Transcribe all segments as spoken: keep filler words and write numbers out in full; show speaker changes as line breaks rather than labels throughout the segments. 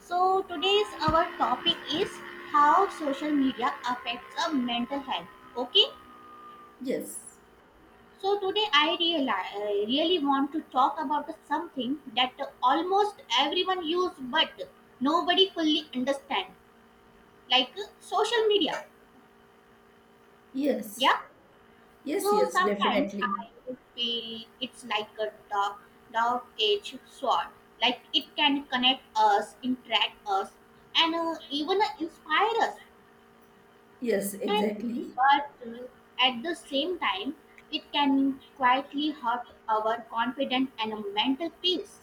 So today's our topic is how social media affects our mental health. Okay.
Yes,
So today I reali I really want to talk about something that almost everyone use but nobody fully understand, like uh, social media.
yes,
Yeah.
yes,
So
yes,
sometimes
definitely.
I feel it's like a dark, dark edge sword. Like it can connect us, interact us, and uh, even uh, inspire us
Yes,
and
exactly.
but uh, at the same time it can quietly hurt our confidence and mental peace.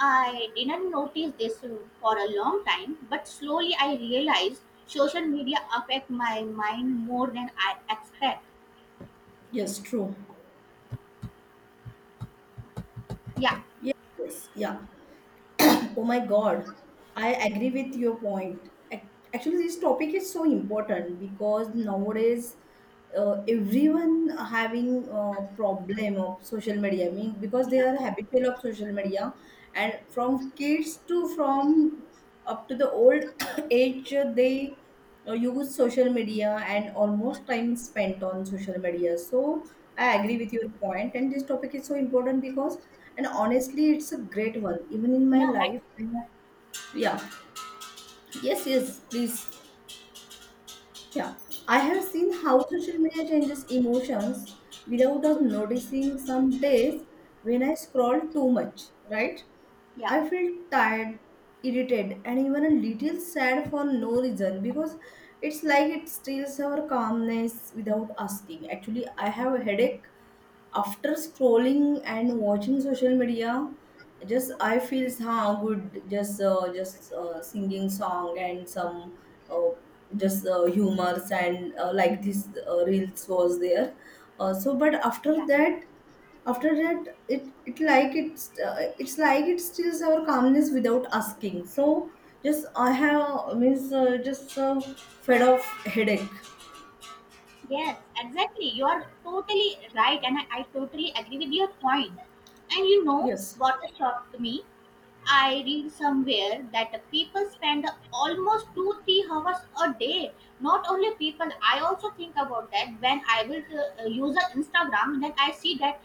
I didn't notice this uh, for a long time, but slowly I realized social media affect my mind more than I expect.
Yes, true.
Yeah,
Yes, yes, yeah. Oh my God, I agree with your point. Ac- Actually, this topic is so important because nowadays uh, everyone having a problem of social media. I mean, because they
yeah,
are habitual of social media, and from kids to from up to the old age uh, they uh, use social media and almost time spent on social media, so I
yeah,
agree with your point and this topic is so important, because and honestly it's a great one even in my
yeah, right,
life I have- yeah, yes, yes, please, yeah, I have seen how social media changes emotions without us noticing some days when I scroll too much, right?
yeah,
I feel tired, irritated, and even a little sad for no reason, because it's like it steals our calmness without asking. Actually, I have a headache after scrolling and watching social media. Just I feel how good, just uh, just uh, singing song and some uh, just uh, humors, and uh, like this uh, reels was there, uh, so. But after
yeah,
that after that it it like it's uh, it's like it steals our calmness without asking, so just I have means, uh, just uh, fed off headache.
yes, exactly, you are totally right. And i, I totally agree with your point point. And you know
Yes,
what shocked me, I read somewhere that people spend almost two three hours a day. Not only people, I also think about that when I will uh, use a Instagram, then I see that,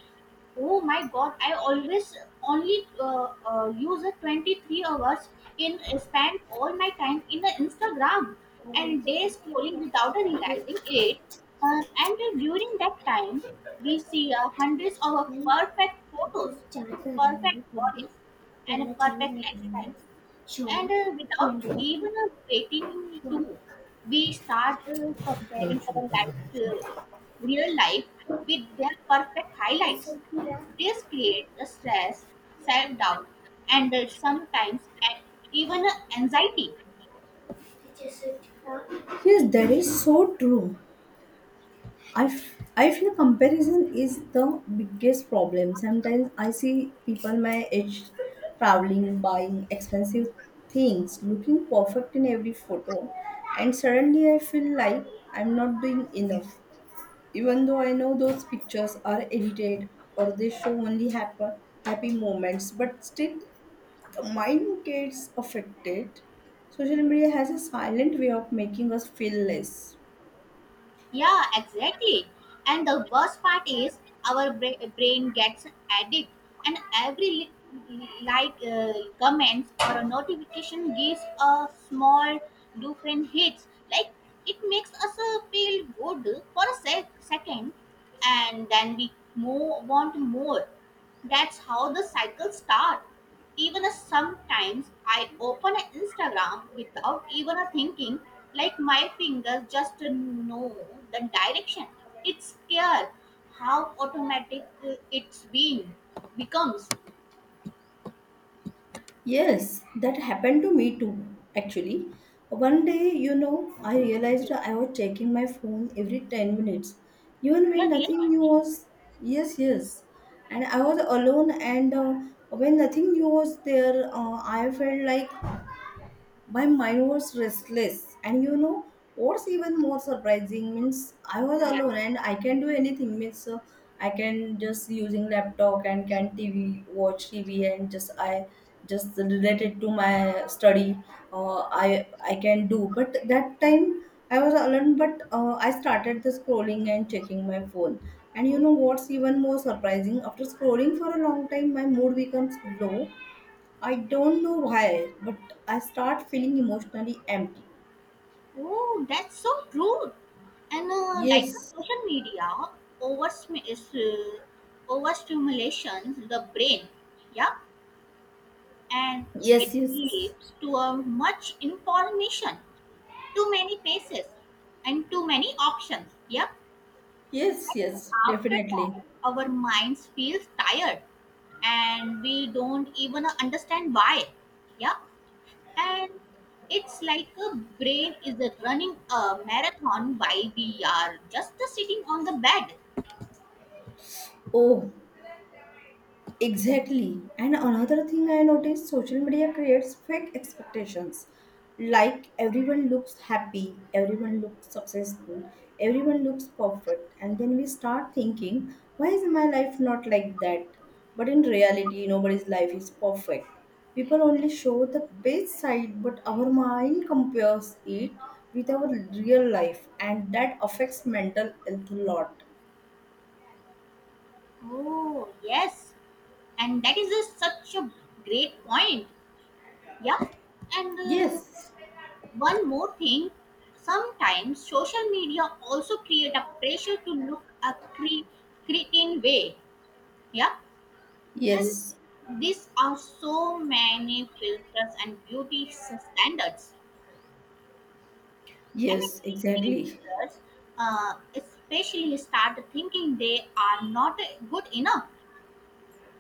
oh my god, I always only uh, uh, use a twenty three hours in uh, spend all my time in the Instagram and day scrolling without realizing it. Uh, and during that time, we see uh, hundreds of perfect photos, perfect bodies, and perfect lifestyles. And uh, without even uh, waiting to, we start uh, comparing our life, uh, real life, with their perfect highlights. This creates the stress, self doubt, and uh, sometimes a- even uh, anxiety.
yes, that is so true. I, f- I feel comparison is the biggest problem. Sometimes I see people my age traveling, buying expensive things, looking perfect in every photo, and suddenly I feel like I'm not doing enough. Even though I know those pictures are edited or they show only happy, happy moments, but still the mind gets affected. Social media has a silent way of making us feel less.
Yeah, exactly. And the worst part is our bra- brain gets addicted, and every li- li- like uh, comments or a notification gives a small different hits. Like it makes us uh, feel good for a sec- second, and then we more want more. That's how the cycle starts. Even a- sometimes I open a Instagram without even a thinking, like my fingers just know the direction. It's scary how automatic uh, it's been becomes.
Yes, that happened to me too, actually. One day, you know, I realized
Yeah,
I was checking my phone every ten minutes, even when
yeah,
nothing
really.
new was. Yes, yes. And I was alone, and uh, when nothing new was there, uh, I felt like my mind was restless, and you know what's even more surprising, means I was
Yeah.
alone and I can do anything, means uh, I can just using laptop and can tv watch tv, and just I just related to my study, uh, i i can do, but that time I was alone, but uh, I started the scrolling and checking my phone. And you know
Oh,
what's even more surprising, after scrolling for a long time my mood becomes low. I don't know why, but I start feeling emotionally empty.
oh, that's so true. And uh, like the
Yes,
social media, over is uh, overstimulation the brain. Yeah, and it
yes, yes,
leads to a much information. Too many faces and too many options. Yep.
yes, yes,
After
definitely.
that, our minds feels tired and we don't even understand why. Yeah. And it's like a brain is running a marathon while we are just sitting on the bed.
Oh, exactly. And another thing I noticed, social media creates fake expectations. Like everyone looks happy, everyone looks successful, everyone looks perfect. And then we start thinking, why is my life not like that? But in reality, nobody's life is perfect. People only show the best side, but our mind compares it with our real life, and that affects mental health a lot.
Oh, yes. And that is a, such a great point. Yeah. And uh,
Yes,
One more thing, sometimes social media also create a pressure to look a cre- cretin way. Yeah, and
yes,
these are so many filters and beauty s- standards, and the
yes, exactly.
teenagers, uh, especially, start thinking they are not good enough.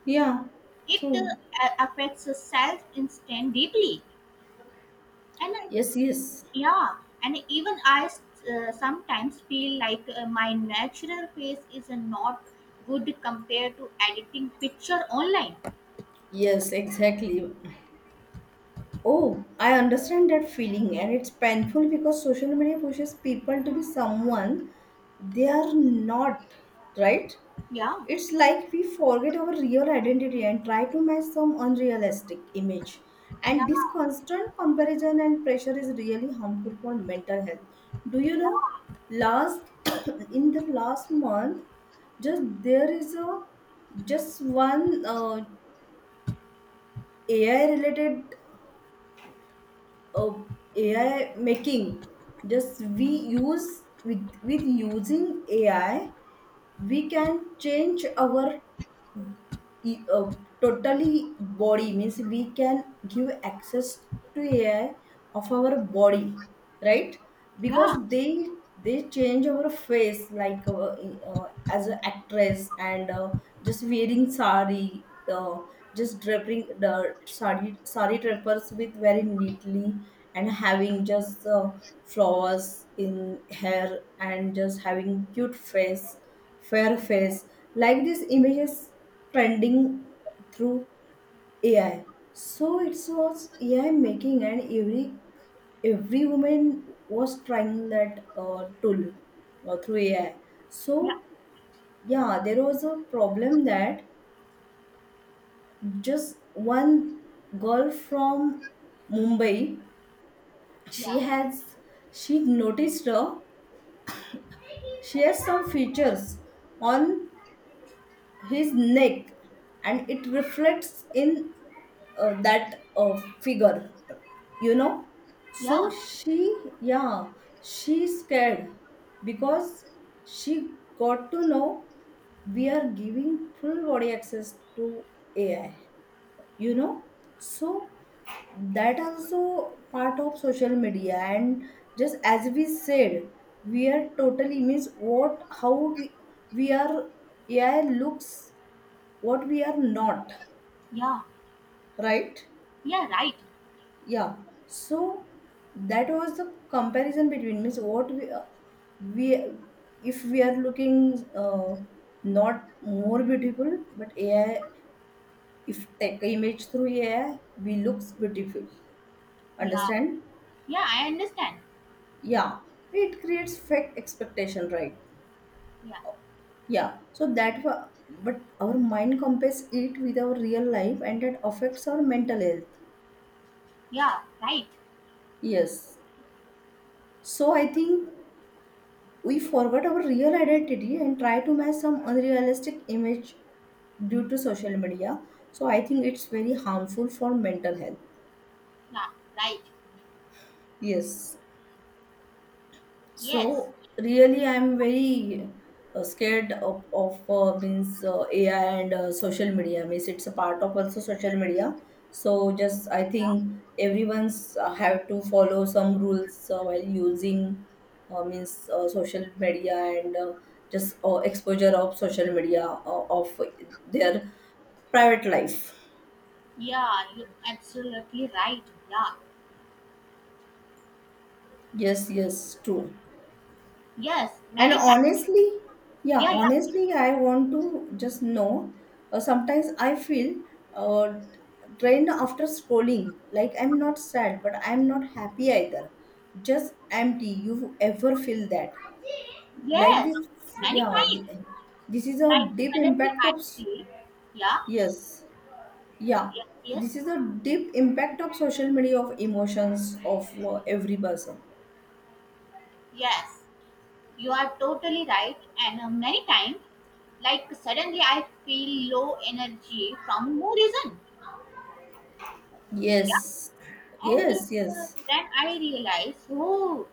Yeah,
It uh,
true.
a- affects self instinct deeply, and
Yes, yes,
yeah, and even I uh, sometimes feel like uh, my natural face is uh, not good compared to editing picture online.
yes, exactly. Oh, I understand that feeling, and it's painful because social media pushes people to be someone they are not, right?
Yeah,
It's like we forget our real identity and try to match some unrealistic image.
yeah,
And this constant comparison and pressure is really harmful for mental health. Do you know?
yeah,
Last in the last month, just there is a just one uh, A I related, uh, A I making. Just we use, with with using A I, we can change our e- uh, totally body, means we can give access to A I of our body, right? Because
yeah,
they they change our face like uh, e, uh, as an actress, and uh, just wearing sari, uh, just draping the sari sari drapers with very neatly, and having just uh, flowers in hair, and just having cute face fair face, like these images trending through A I. So it was A I making, and every every woman was trying that uh, tool, uh, through A I.
yeah,
So, yeah, there was a problem that just one girl from Mumbai, she
yeah,
has she noticed her she has some features on his neck and it reflects in uh, that uh, figure, you know. So
yeah,
she, yeah, she's scared, because she got to know we are giving full body access to A I, you know. So that also part of social media, and just as we said, we are totally, means what, how we we are, A I looks what we are not,
yeah,
right?
yeah, right.
Yeah, so that was the comparison between, means what we uh, we if we are looking uh, not more beautiful, but A I, if take image through A I, we looks beautiful,
Yeah,
understand?
yeah, I understand.
Yeah, it creates fake expectation, right?
Yeah,
Yeah, so that wa- but our mind compares it with our real life, and that affects our mental health.
yeah, right.
Yes, so I think we forget our real identity and try to match some unrealistic image due to social media. So I think it's very harmful for mental health.
Yeah, right.
Yes.
Yes.
So really, I'm very uh, scared of, of uh, means uh, A I and uh, social media. Means it's a part of also social media. So just I
Yeah,
think everyone's uh, have to follow some rules uh, while using uh, means uh, social media, and uh, just uh, exposure of social media uh, of their private life.
yeah, you absolutely right. Yeah,
Yes, yes, true.
yes,
And
many times.
honestly, yeah,
Yeah, yeah,
honestly, I want to just know. Uh, sometimes I feel uh, drained after scrolling. Like I'm not sad, but I'm not happy either. Just empty. You ever feel that? Like
yes,
this?
many
Yeah.
times.
th- This is a
Like
deep
suddenly
impact
I
of. s-
feel, yeah,
Yes. Yeah.
yes,
This
yes,
is a deep impact of social media, of emotions of uh, every person.
yes, you are totally right. And uh, many times, like suddenly I feel low energy from no reason. Yeah.
Yes.
And
Yes.
uh,
Yes.
then I realize, oh,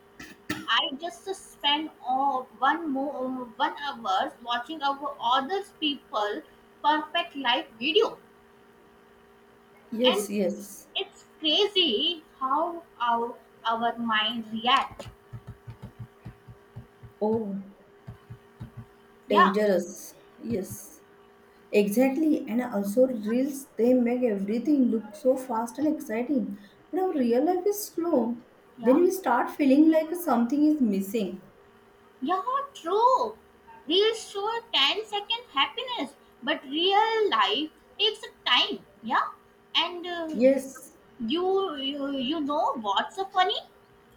I just uh, spent uh, one more uh, one hours watching our other people perfect life video, and
Yes. Yes.
it's crazy how our our mind react.
Oh,
Yeah,
dangerous. Yes, exactly. And also, reels, they make everything look so fast and exciting. But our real life is slow. Then
yeah.
we start feeling like something is missing.
Yeah, true. Reels show ten second happiness, but real life takes a time. Yeah, and uh,
Yes.
you, you you know what's so funny?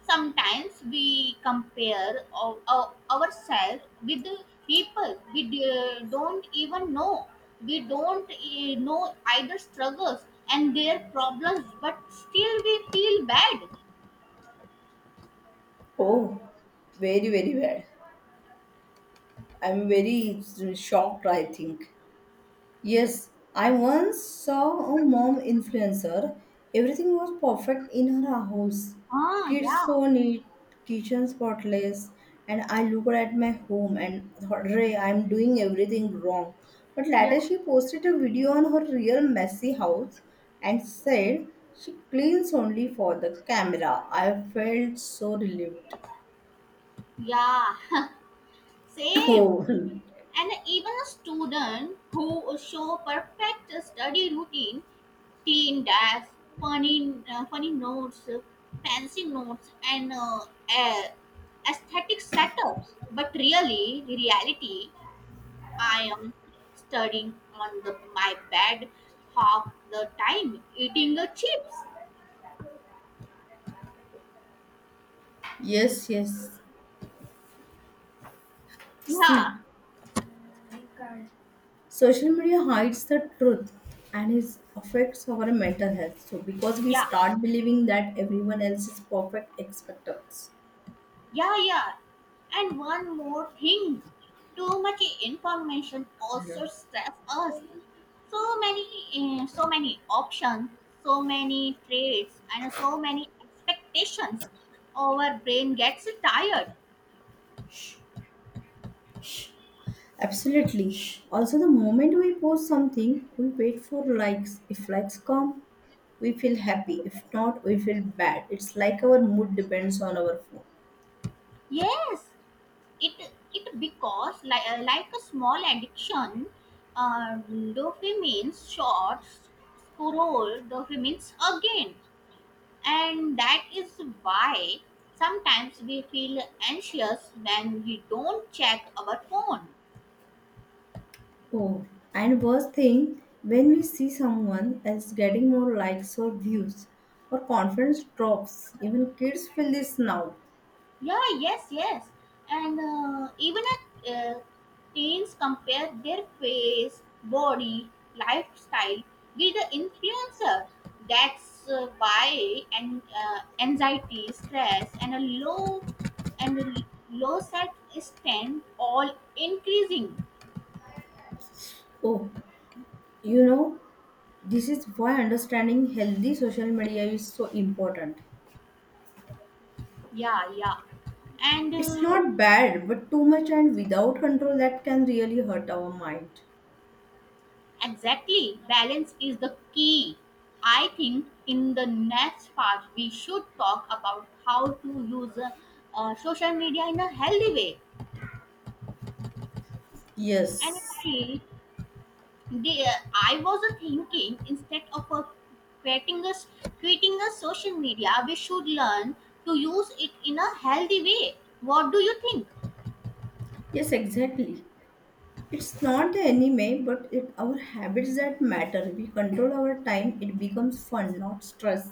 Sometimes we compare our, our, ourselves with the people we d- don't even know. We don't uh, know either struggles and their problems, but still we feel bad.
Oh, very, very bad. I'm very shocked, I think. Yes, I once saw a mom influencer. Everything was perfect in her house.
Ah,
Kids
yeah,
so neat, kitchen spotless, and I looked at my home and thought, Ray, I'm doing everything wrong. But
yeah,
later she posted a video on her real messy house and said she cleans only for the camera. I felt so relieved.
yeah, same.
Oh,
And even a student who show perfect study routine, clean desk, funny, uh, funny notes, fancy notes, and uh, a- aesthetic setups. But really, the reality, I am studying on the my bed half the time, eating the chips.
yes, yes. See,
Yeah,
social media hides the truth, and it affects our mental health so, because we
yeah.
start believing that everyone else is perfect expect us.
Yeah, yeah. And one more thing. Too much information
I don't know.
also stress us. So many, uh, so many options, so many trades, and so many expectations. Our brain gets tired.
Absolutely, also the moment we post something we wait for likes. If likes come we feel happy, if not we feel bad. It's like our mood depends on our phone.
Yes, it it because like uh, like a small addiction. Uh, Dopamine shots, scroll dopamines again. And that is why sometimes we feel anxious when we don't check our phone.
Oh, and worst thing, when we see someone else getting more likes or views, our confidence drops. Even kids feel this now.
Yeah, yes, yes. And uh, even at, uh, teens compare their face, body, lifestyle with the influencer. That's uh, why, and uh, anxiety, stress, and a low and a low self-esteem all increasing.
Oh, you know, this is why understanding healthy social media is so important.
Yeah, yeah, and
It's
uh,
not bad, but too much and without control, that can really hurt our mind.
exactly, balance is the key. I think in the next part we should talk about how to use uh, uh, social media in a healthy way.
Yes,
And I, the, uh, I was uh, thinking, instead of uh, creating a creating a social media, we should learn to use it in a healthy way. What do you think?
yes, exactly. It's not the enemy, but it our habits that matter. We control our time, it becomes fun, not stress.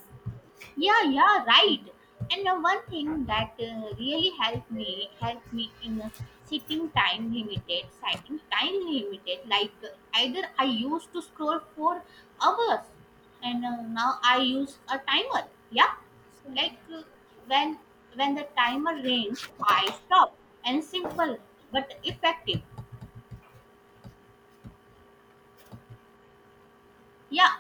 Yeah, yeah, right. And uh, one thing that uh, really helped me helped me in uh, setting time limited setting time limited like uh, either I used to scroll for hours, and uh, now I use a timer, yeah, like uh, when when the timer rings I stop, and simple but effective, yeah.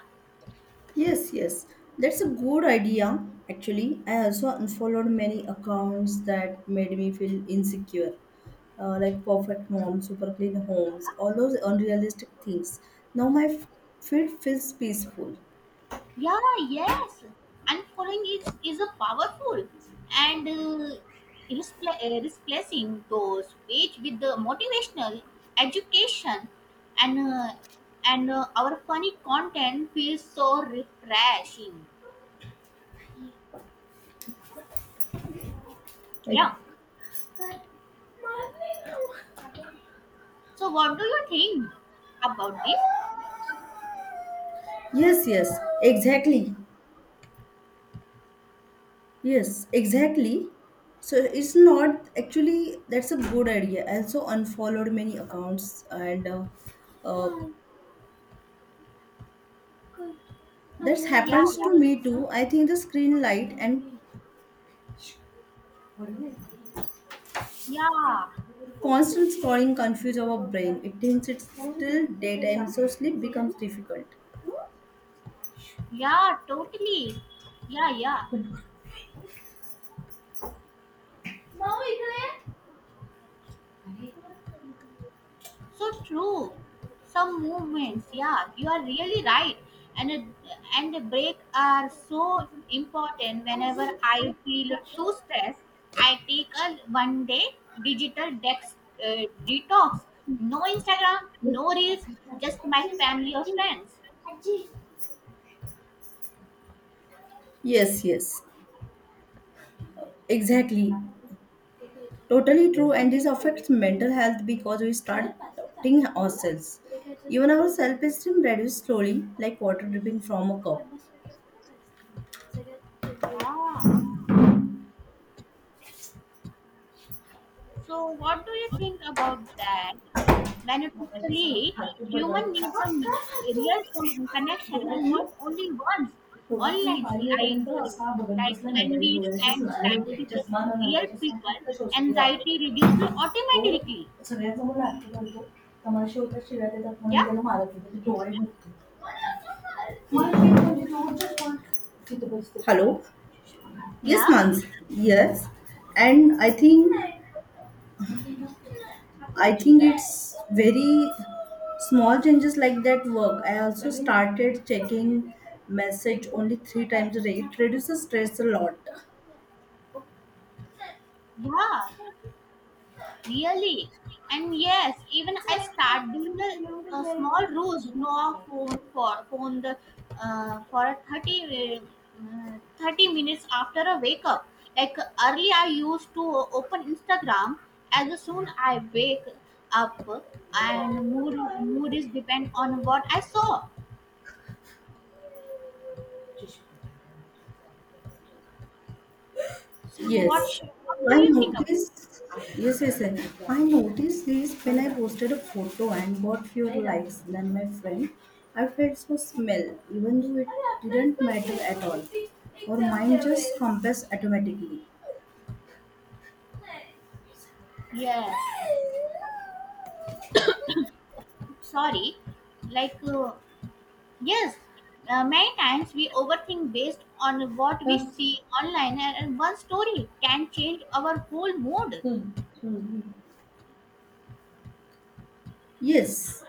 Yes, yes. That's a good idea. Actually, I also unfollowed many accounts that made me feel insecure, uh, like perfect mom, super clean homes, all those unrealistic things. Now my f- feed feels peaceful.
Yeah, yes. Unfollowing is, is a powerful, and uh, irrespl- uh, replacing those page with the motivational education and uh, and uh, our funny content feels so refreshing.
Like,
Yeah. So what do you think about this?
yes, yes, exactly. Yes, exactly. So it's not actually, that's a good idea. I also unfollowed many accounts and uh, uh, that
Yeah,
happens to me too. I think the screen light and
yeah, yeah,
Constant scrolling confuses our brain. It thinks it's still daytime, so sleep becomes difficult.
yeah, totally. Yeah, yeah. So true. Some movements, yeah, you are really right. And a, and a break are so important. Whenever I feel too stressed, I take a one day digital dex, uh, detox. No Instagram, no reels, just my family or friends.
Yes, yes, exactly. Totally true, and this affects mental health because we start doubting ourselves. Even our self esteem reduces slowly, like water dripping from a cup.
Yeah. So, what do you think about that? Beneficially, human needs a real con- connection and not only ones online. Like, uh, like when we spend time with the real people, anxiety reduces
तो
automatically.
सगळ्यांसमोर नाट्य करतो तमाशे होतात शिव्या देतात म्हणून मी
Yeah,
त्याला मारत होते त्याचे डोळे बघतो मला ते म्हणजे दोनच. Hello. Yes,
yeah,
Mans. Yes. And I think, I think it's very small changes like that work. I also started checking message only three times a day. It reduces stress a lot.
yeah. Really? And yes, even I start doing a, a small roost, no phone for phone the uh, for a thirty, uh, thirty minutes after a wake up. Like early, I used to open Instagram as soon I wake up, and mood mood is depend on what I saw. So
Yes,
what sh- what do
I
you think of?
noticed. Yes, yes, yes. I noticed this when I posted a photo and got fewer likes than my friend. I felt so smell, even though it didn't matter at all. Or mine just compass automatically.
Yes, sorry, like. Uh, Yes, uh, many times we overthink based on what
Uh,
we see online, and and one story can change our whole mood.
yes,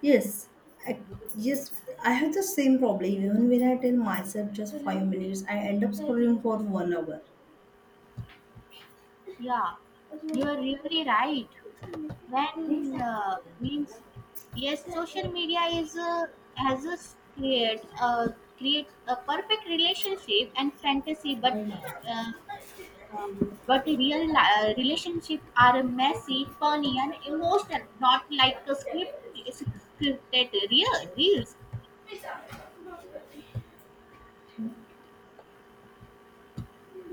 yes. I, yes, I have the same problem. Even when I tell myself just five minutes, I end up scrolling for one hour.
Yeah, you're really right. When uh, means yes, social media is uh, has a s- create uh, creates a perfect relationship and fantasy, but uh, um, but real li- uh, relationships are messy, funny, and emotional, not like a script scripted real reels.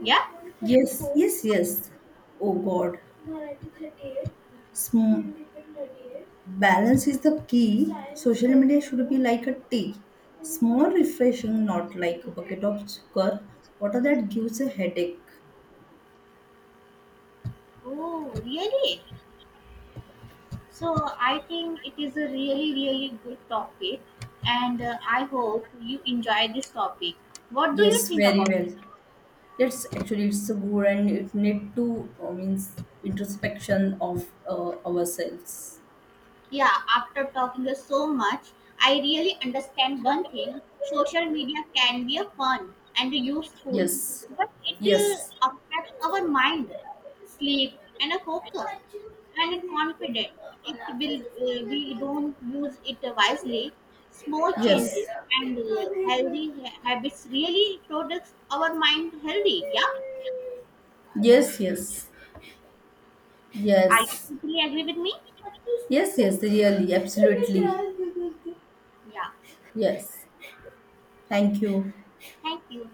Yeah.
Yes, yes, yes. Oh God. Sm- Balance is the key. Social media should be like a tea. Small, refreshing, not like a bucket of sugar. Water that gives a headache.
Oh, really? So I think it is a really, really good topic, and uh, I hope you enjoy this topic. What do you
Yes,
think
very
about?
well. Yes, actually, it's a good and it need to uh, means introspection of uh, ourselves.
Yeah, after talking to so much, I really understand one thing. Social media can be a fun and useful,
Yes,
but it
yes,
uh, affects our mind, sleep, and a focus and confidence. It will uh, we don't use it wisely. Small
yes,
changes and uh, healthy ha- habits really products our mind healthy. Yeah,
yes, yes,
are
yes.
you totally agree with me?
Yes, yes, really, absolutely.
Yeah,
Yes. Thank you.
thank you.